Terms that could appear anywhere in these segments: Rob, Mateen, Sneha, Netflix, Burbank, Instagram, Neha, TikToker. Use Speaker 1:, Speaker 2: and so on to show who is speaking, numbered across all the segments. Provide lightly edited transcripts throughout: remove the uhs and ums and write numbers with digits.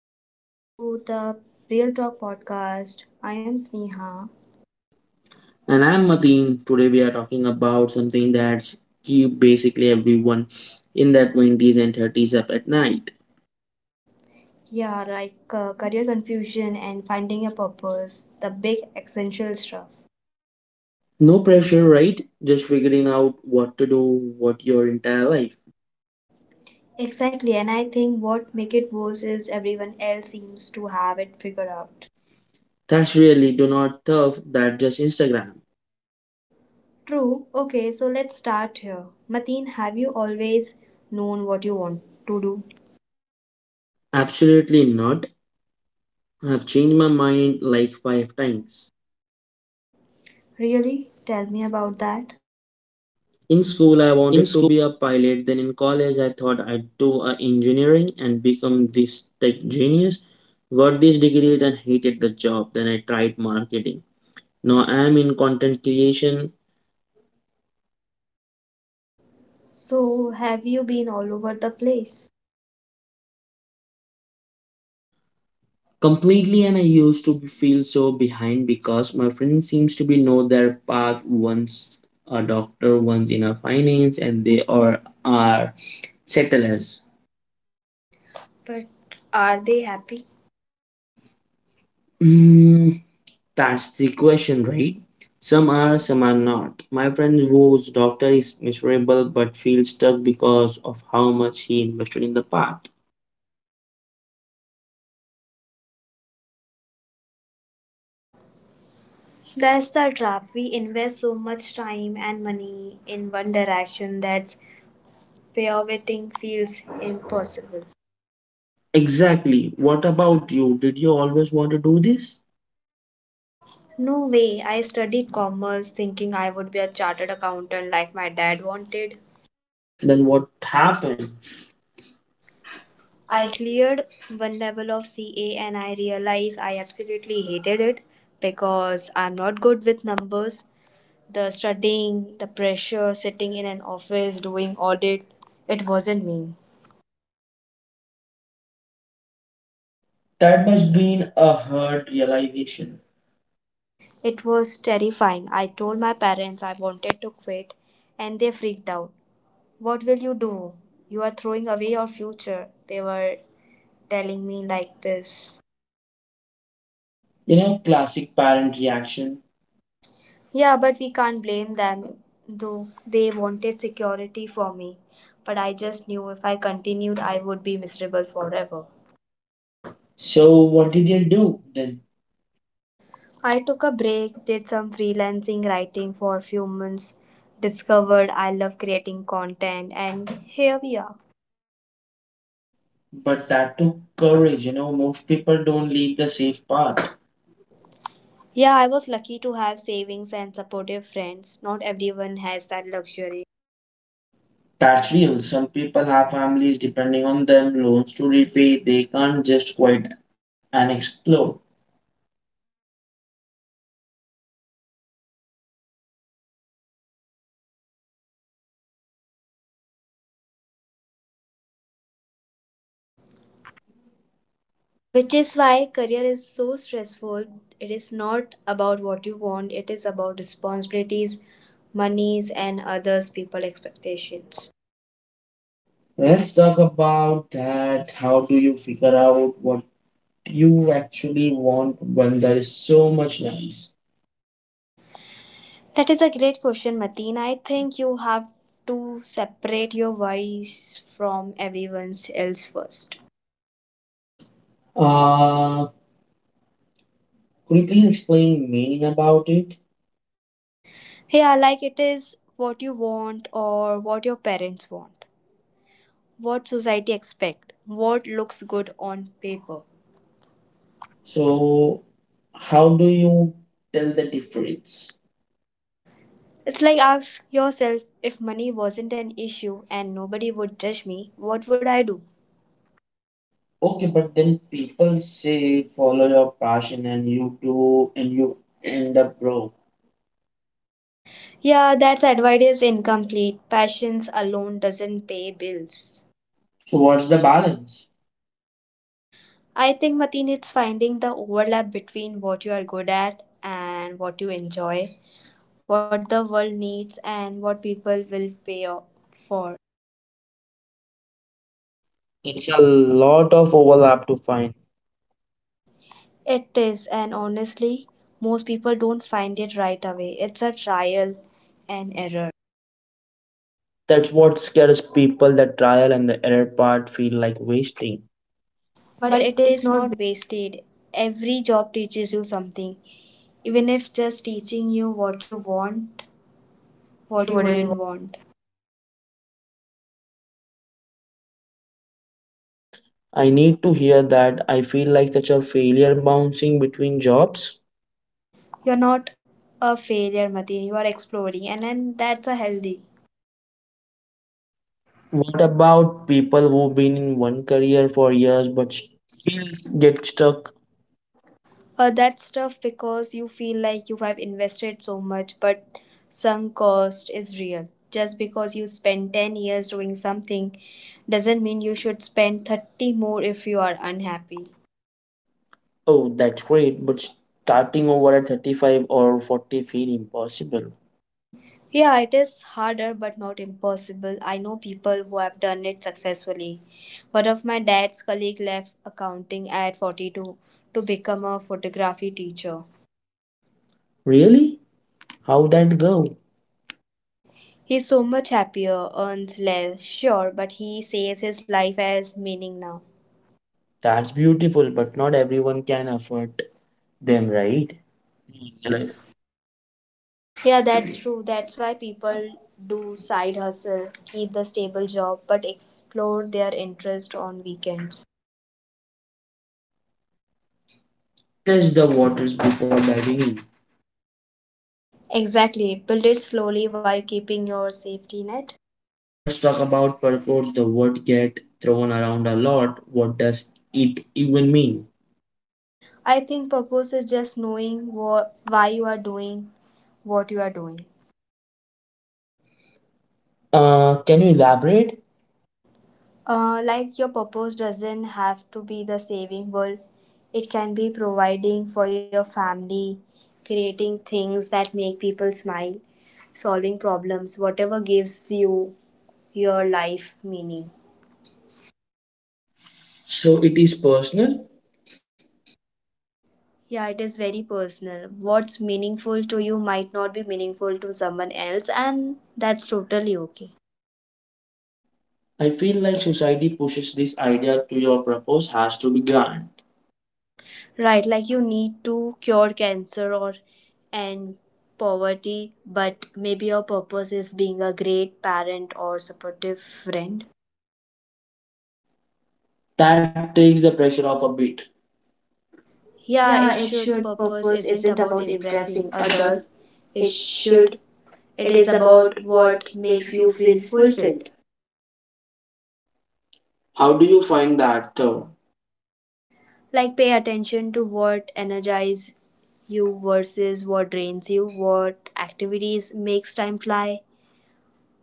Speaker 1: welcome to the Real Talk podcast. I am Sneha.
Speaker 2: And I'm Mateen. Today we are talking about something that's keep basically everyone in their 20s and 30s up at night.
Speaker 1: Yeah, like career confusion and finding a purpose, the big essential stuff.
Speaker 2: No pressure, right? Just figuring out what to do, what your entire life.
Speaker 1: Exactly, and I think what make it worse is everyone else seems to have it figured out.
Speaker 2: That's really do not tough. That just Instagram.
Speaker 1: True. Okay, so let's start here. Mateen, have you always known what you want to do?
Speaker 2: Absolutely not. I've changed my mind like five times.
Speaker 1: Really? Tell me about that.
Speaker 2: In
Speaker 1: In school,
Speaker 2: school, I wanted to be a pilot. Then in college, I thought I'd do a engineering and become this tech genius. Got this degree and hated the job. Then I tried marketing. Now I am in content creation
Speaker 1: so, have you been all over the place?
Speaker 2: completely, and I used to feel so behind because my friends seems to be know their path. Once a doctor, once in a finance, and they are settlers.
Speaker 1: But are they happy?
Speaker 2: Mm, that's the question, right? Some are not. My friend whose doctor is miserable but feels stuck because of how much he invested in the path.
Speaker 1: That's the trap. We invest so much time and money in one direction that pivoting feels impossible.
Speaker 2: Exactly. What about you? Did you always want to do this?
Speaker 1: No way. I studied commerce thinking I would be a chartered accountant like my dad wanted.
Speaker 2: Then what happened? I—
Speaker 1: I cleared one level of CA and I realized I absolutely hated it because I'm not good with numbers. The studying, the pressure, sitting in an office doing audit, it wasn't me.
Speaker 2: that must been a hard realization.
Speaker 1: It was terrifying. I told my parents I wanted to quit, and they freaked out. What will you do? You are throwing away your future. They were telling me like this.
Speaker 2: Classic parent reaction.
Speaker 1: Yeah, but we can't blame them, though they wanted security for me. But I just knew if I continued, I would be miserable forever.
Speaker 2: So what did you do then?
Speaker 1: I took a break, did some freelancing writing for a few months, discovered I love creating content, and here we are.
Speaker 2: But that took courage, most people don't leave the safe path.
Speaker 1: Yeah, I was lucky to have savings and supportive friends. Not everyone has that luxury.
Speaker 2: That's real. Some people have families depending on them, loans to repay. They can't just quit and explode.
Speaker 1: Which is why career is so stressful. It is not about what you want, it is about responsibilities, monies and others people expectations.
Speaker 2: Let's talk about that. How do you figure out what you actually want when there is so much noise?
Speaker 1: That is a great question, Mateen. I think you have to separate your whys from everyone else first.
Speaker 2: Uh, could you please explain meaning about it?
Speaker 1: Yeah, like it is what you want or what your parents want, what society expect, what looks good on paper. So
Speaker 2: So, how do you tell the difference?
Speaker 1: it's like ask yourself if money wasn't an issue and nobody would judge me, what would I do?
Speaker 2: Okay, but then people say follow your passion and you do and you end up broke.
Speaker 1: Yeah, that advice is incomplete. Passions alone doesn't pay bills.
Speaker 2: So what's the balance?
Speaker 1: I think Mateen it's finding the overlap between what you are good at and what you enjoy, what the world needs and what people will for.
Speaker 2: It's a lot of overlap to find.
Speaker 1: It is, and honestly, most people don't find it right away. It's a trial and error.
Speaker 2: That's what scares people, that trial and the error part feel like wasting. But
Speaker 1: But
Speaker 2: it
Speaker 1: it
Speaker 2: is
Speaker 1: is
Speaker 2: not
Speaker 1: not wasted. Every job teaches you something, even if just teaching you what you want,
Speaker 2: because
Speaker 1: what
Speaker 2: you
Speaker 1: you
Speaker 2: wouldn't.
Speaker 1: wouldn't want.
Speaker 2: I need to hear that. I feel like such a failure bouncing between jobs.
Speaker 1: You're not a failure, Mateen. You are exploring, and then that's a healthy.
Speaker 2: What about people who've been in one career for years but get stuck?
Speaker 1: That's tough because you feel like you have invested so much, but sunk cost is real. Just because you spend 10 years doing something doesn't mean you should spend 30 more if you are unhappy.
Speaker 2: Oh, that's great, but starting over at 35 or 40 feel impossible.
Speaker 1: Yeah, it is harder but not impossible. I know people who have done it successfully. One of my dad's colleague left accounting at 42 to become a photography teacher.
Speaker 2: Really? How that go?
Speaker 1: He's so much happier, earns less, sure, but he says his life has meaning now.
Speaker 2: That's beautiful, but not everyone can afford them, right? Let's
Speaker 1: Unless, yeah, that's true. That's why people do side hustle, keep the stable job, but explore their interest on weekends.
Speaker 2: test the waters before diving in.
Speaker 1: Exactly. Build it slowly while keeping your safety net.
Speaker 2: Let's talk about purpose, the word get thrown around a lot. What does it even mean?
Speaker 1: I think purpose is just knowing what, why you are doing what you are doing.
Speaker 2: Can you elaborate?
Speaker 1: Like your purpose doesn't have to be the saving world. It can be providing for your family, creating things that make people smile, solving problems, whatever gives you your life meaning.
Speaker 2: So it is personal.
Speaker 1: Yeah, it is very personal. What's meaningful to you might not be meaningful to someone else, and that's totally okay.
Speaker 2: I feel like society pushes this idea to your purpose has to be grand.
Speaker 1: Right, like you need to cure cancer or end poverty, but maybe your purpose is being a great parent or supportive friend.
Speaker 2: That takes the pressure off a bit.
Speaker 1: Yeah,
Speaker 2: Yeah, it
Speaker 1: it should
Speaker 2: should. Purpose
Speaker 1: purpose
Speaker 2: isn't
Speaker 1: isn't
Speaker 2: about
Speaker 1: about impressing
Speaker 2: impressing
Speaker 1: others.
Speaker 2: others.
Speaker 1: It
Speaker 2: It
Speaker 1: should
Speaker 2: should.
Speaker 1: it
Speaker 2: It is
Speaker 1: is
Speaker 2: about
Speaker 1: about
Speaker 2: what
Speaker 1: what
Speaker 2: makes
Speaker 1: makes you
Speaker 2: you feel
Speaker 1: feel fulfilled.
Speaker 2: fulfilled. How do you find that though?
Speaker 1: Like pay attention to what energizes you versus what drains you, what activities makes time fly,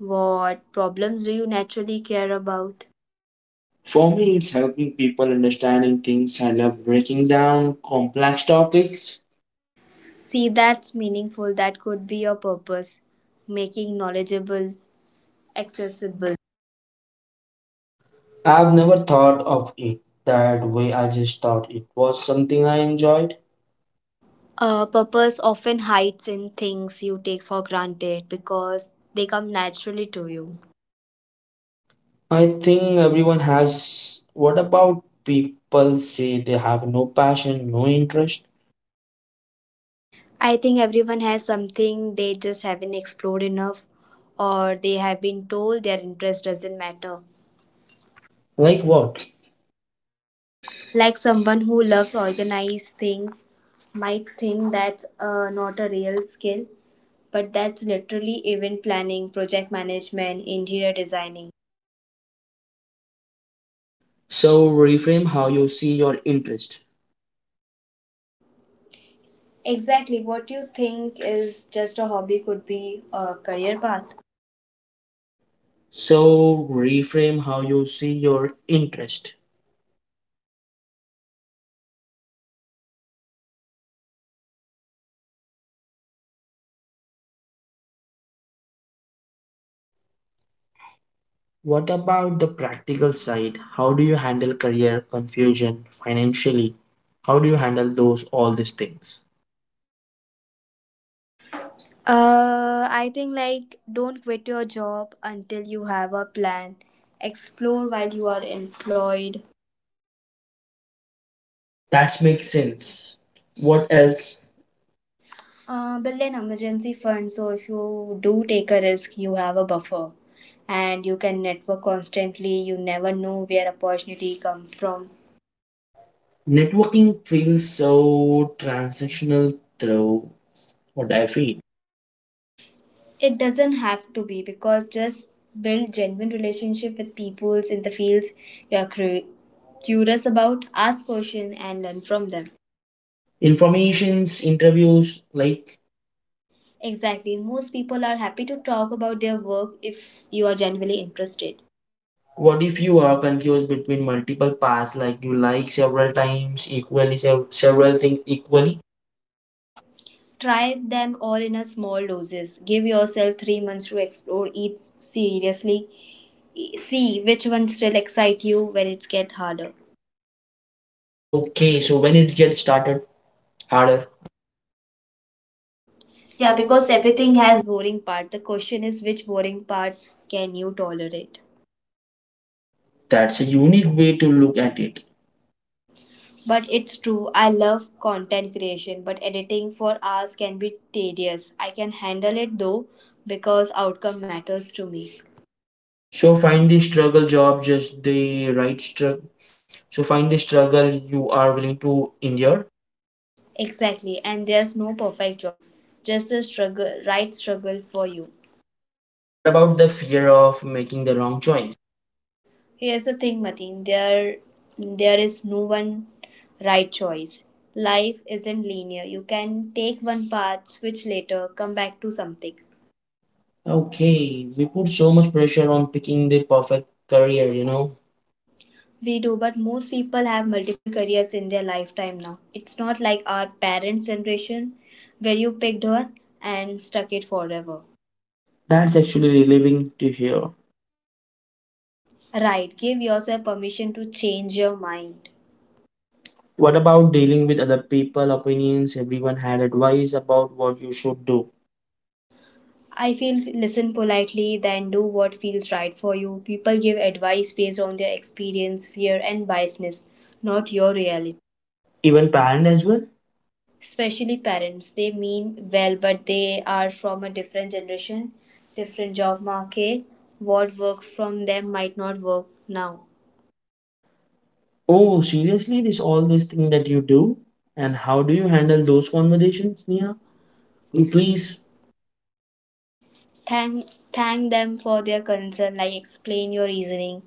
Speaker 1: what problems do you naturally care about.
Speaker 2: For me, it's helping people understanding things. I love breaking down complex topics.
Speaker 1: See that's meaningful, that could be your purpose, making knowledgeable accessible.
Speaker 2: I've never thought of it that way. I just thought it was something I enjoyed.
Speaker 1: Purpose often hides in things you take for granted because they come naturally to you.
Speaker 2: I think everyone has. What about people say they have no passion, no interest?
Speaker 1: I think everyone has something they just haven't explored enough, or they have been told their interest doesn't matter.
Speaker 2: Like what?
Speaker 1: Like someone who loves organized things might think that's not a real skill, but that's literally event planning, project management, interior designing.
Speaker 2: So reframe how you see your interest.
Speaker 1: Exactly what you think is just a hobby could be a career path.
Speaker 2: So reframe how you see your interest. What about the practical side? How do you handle career confusion financially? How do you handle those all these things?
Speaker 1: I think like don't quit your job until you have a plan. Explore while you are employed.
Speaker 2: That makes sense. What else?
Speaker 1: Build an emergency fund so if you do take a risk, you have a buffer and you can network constantly. You never know where opportunity comes from.
Speaker 2: Networking feels so transactional through what I feel.
Speaker 1: It doesn't have to be because just build genuine relationship with peoples in the fields you are curious about, ask questions and learn from them.
Speaker 2: Informations, interviews, like
Speaker 1: Exactly. Most people are happy to talk about their work if you are genuinely interested.
Speaker 2: what if you are confused between multiple paths, like you like several times equally, several things equally?
Speaker 1: Try them all in a small doses. Give yourself 3 months to explore each seriously. See which ones still excite you when it get harder.
Speaker 2: Okay, so when it gets started, harder. Yeah,
Speaker 1: Yeah,
Speaker 2: because
Speaker 1: because
Speaker 2: everything
Speaker 1: everything
Speaker 2: has.
Speaker 1: has boring part. The question is which boring parts can you tolerate?
Speaker 2: That's a unique way to look at it.
Speaker 1: But it's true, I love content creation, but editing for hours can be tedious. I can handle it though because outcome matters to me.
Speaker 2: So find the struggle job just the right struggle. So find the struggle you are willing to endure.
Speaker 1: Exactly, and there's no perfect job, just a struggle, right struggle for you.
Speaker 2: What about the fear of making the wrong choice?
Speaker 1: Here's the thing, Mateen. There is no one right choice. Life isn't linear. You can take one path, switch later, come back to something.
Speaker 2: Okay, we put so much pressure on picking the perfect career,
Speaker 1: We do, but most people have multiple careers in their lifetime now. It's not like our parents' generation, where you picked one and stuck it forever.
Speaker 2: That's actually relieving to hear.
Speaker 1: Right. Give yourself permission to change your mind.
Speaker 2: What about dealing with other people, opinions? Everyone had advice about what you should do.
Speaker 1: I feel listen politely, then do what feels right for you. People give advice based on their experience, fear, and biasness, not your reality.
Speaker 2: Even parent as well?
Speaker 1: Especially parents, they mean well, but they are from a different generation, different job market. What worked from them might not work now.
Speaker 2: Oh, seriously, this all this thing that you do? And how do you handle those conversations, Neha?
Speaker 1: Please.
Speaker 2: Please,
Speaker 1: Thank them for their concern, like explain your reasoning,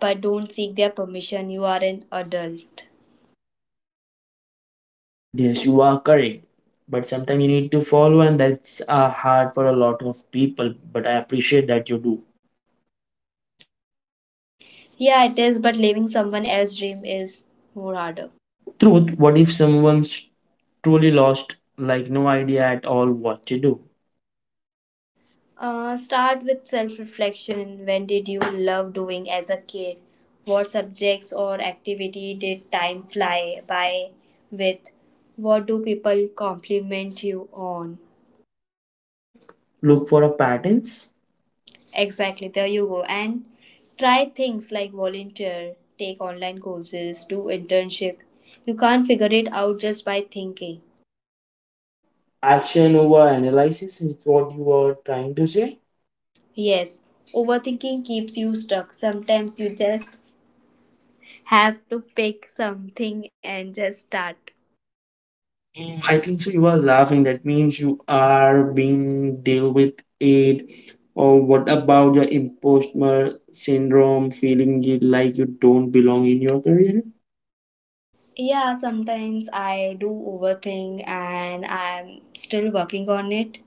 Speaker 1: but don't seek their permission. You are an adult.
Speaker 2: yes, you are correct. But sometimes you need to follow, and that's hard for a lot of people. But I appreciate that you do.
Speaker 1: Yeah, it is, but living someone else's dream is more harder.
Speaker 2: Truth, what if someone's truly lost, like no idea at all what to do?
Speaker 1: Start with self reflection. When did you love doing as a kid? What subjects or activity did time fly by with? What do people compliment you on?
Speaker 2: Look for a patterns.
Speaker 1: Exactly, there you go. And try things like volunteer, take online courses, do internship. You can't figure it out just by thinking.
Speaker 2: Action over analysis is what you are trying to say.
Speaker 1: Yes, overthinking keeps you stuck. Sometimes you just have to pick something and just start.
Speaker 2: Mm, I think so. You are laughing. That means you are being deal with it. Or what about your imposter syndrome, feeling it like you don't belong in your career?
Speaker 1: Yeah, sometimes I do overthink and I'm still working on it.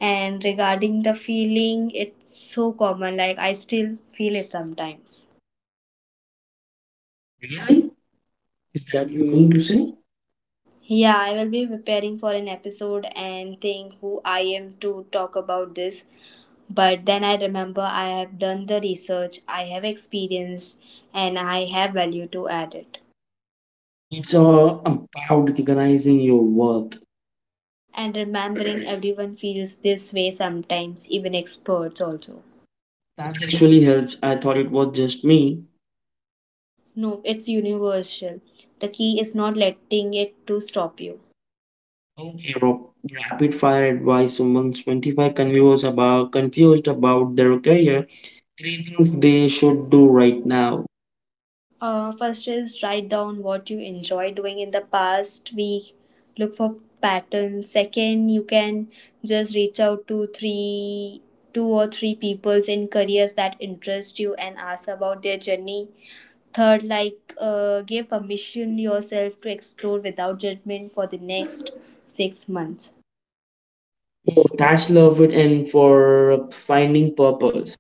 Speaker 1: And regarding the feeling, it's so common, like I still feel it sometimes.
Speaker 2: Really? Is
Speaker 1: Is
Speaker 2: that
Speaker 1: that
Speaker 2: you
Speaker 1: you
Speaker 2: mean
Speaker 1: mean
Speaker 2: to
Speaker 1: to say?
Speaker 2: say?
Speaker 1: Yeah, I will be preparing for an episode and think who I am to talk about this. But then I remember I have done the research, I have experienced, and I have value to add it.
Speaker 2: So it's all about recognizing your worth.
Speaker 1: And remembering everyone feels this way sometimes, even experts also.
Speaker 2: That actually helps. I thought it was just me.
Speaker 1: No, it's universal. The key is not letting it to stop you.
Speaker 2: Okay, Rob. Rapid fire advice. Someone's 25 confused about their career. Three things they should do right now.
Speaker 1: First is write down what you enjoy doing in the past week. Look for patterns. Second, you can just reach out to three, two or three peoples in careers that interest you and ask about their journey. Third, like give permission yourself to explore without judgment for the next 6 months.
Speaker 2: Oh, that's love it, and for finding purpose.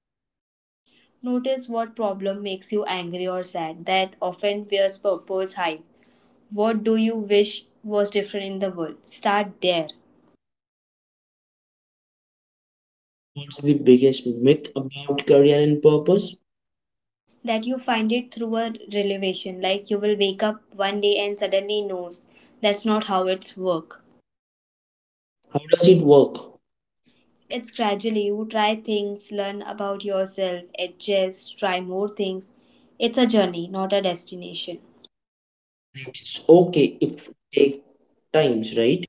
Speaker 1: Notice what problem makes you angry or sad. That often wears purpose hide. What do you wish was different in the world? Start there.
Speaker 2: What's the biggest myth about career and purpose?
Speaker 1: That you find it through a revelation. Like you will wake up one day and suddenly knows that's not how it's work.
Speaker 2: How does it work?
Speaker 1: It's gradually you try things, learn about yourself, adjust, try more things. It's a journey, not a destination.
Speaker 2: And it's okay if it take times, right?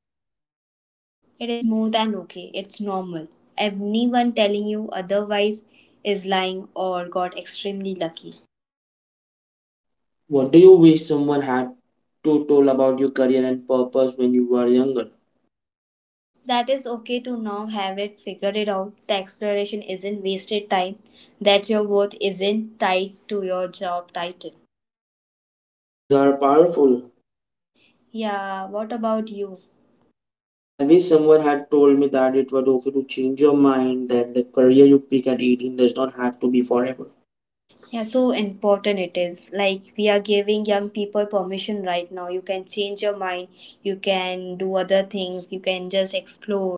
Speaker 1: It is more than okay, it's normal. Anyone telling you otherwise is lying or got extremely lucky.
Speaker 2: What do you wish someone had to told about your career and purpose when you were younger?
Speaker 1: That is okay to now have it figured it out. The exploration isn't wasted time, that your worth isn't tied to your job title.
Speaker 2: Those are powerful.
Speaker 1: Yeah, what about you?
Speaker 2: I wish someone had told me that it was okay to change your mind, that the career you pick at 18 does not have to be forever.
Speaker 1: Yeah, so important it is. Like we are giving young people permission right now. You can change your mind, you can do other things, you can just explore.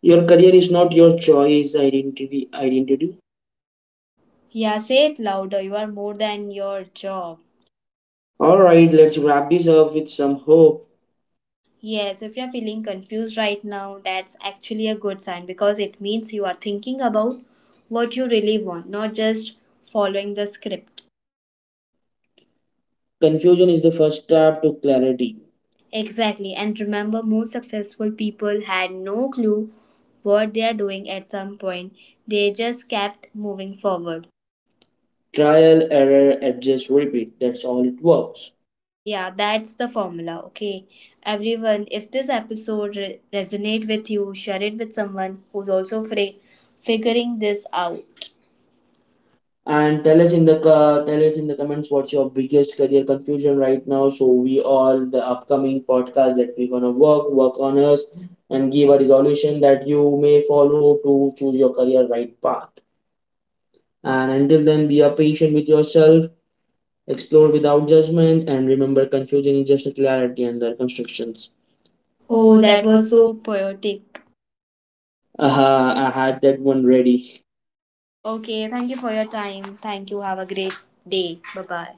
Speaker 2: Your career is not your choice, identity, identity.
Speaker 1: Yeah, say it louder. You are more than your job.
Speaker 2: All right, let's wrap this up with some hope.
Speaker 1: Yes, if you are feeling confused right now, that's actually a good sign because it means you are thinking about what you really want, not just following the script.
Speaker 2: Confusion is the first step to clarity.
Speaker 1: Exactly, and remember, most successful people had no clue what they are doing at some point. They just kept moving forward.
Speaker 2: Trial, error, adjust, repeat. That's all it works.
Speaker 1: Yeah, that's the formula. Okay, everyone, if this episode resonate with you, share it with someone who's also free figuring this out.
Speaker 2: And tell us in the tell us in the comments what's your biggest career confusion right now. So we all the upcoming podcast that we're gonna work on us and give a resolution that you may follow to choose your career right path. And until then, be a patient with yourself, explore without judgment, and remember confusion is just a clarity under constructions. Oh,
Speaker 1: Oh,
Speaker 2: that
Speaker 1: that
Speaker 2: was
Speaker 1: was
Speaker 2: so.
Speaker 1: so poetic.
Speaker 2: Huh. I had that one ready.
Speaker 1: Okay, thank you for your time. Thank you. Have a great day. Bye bye.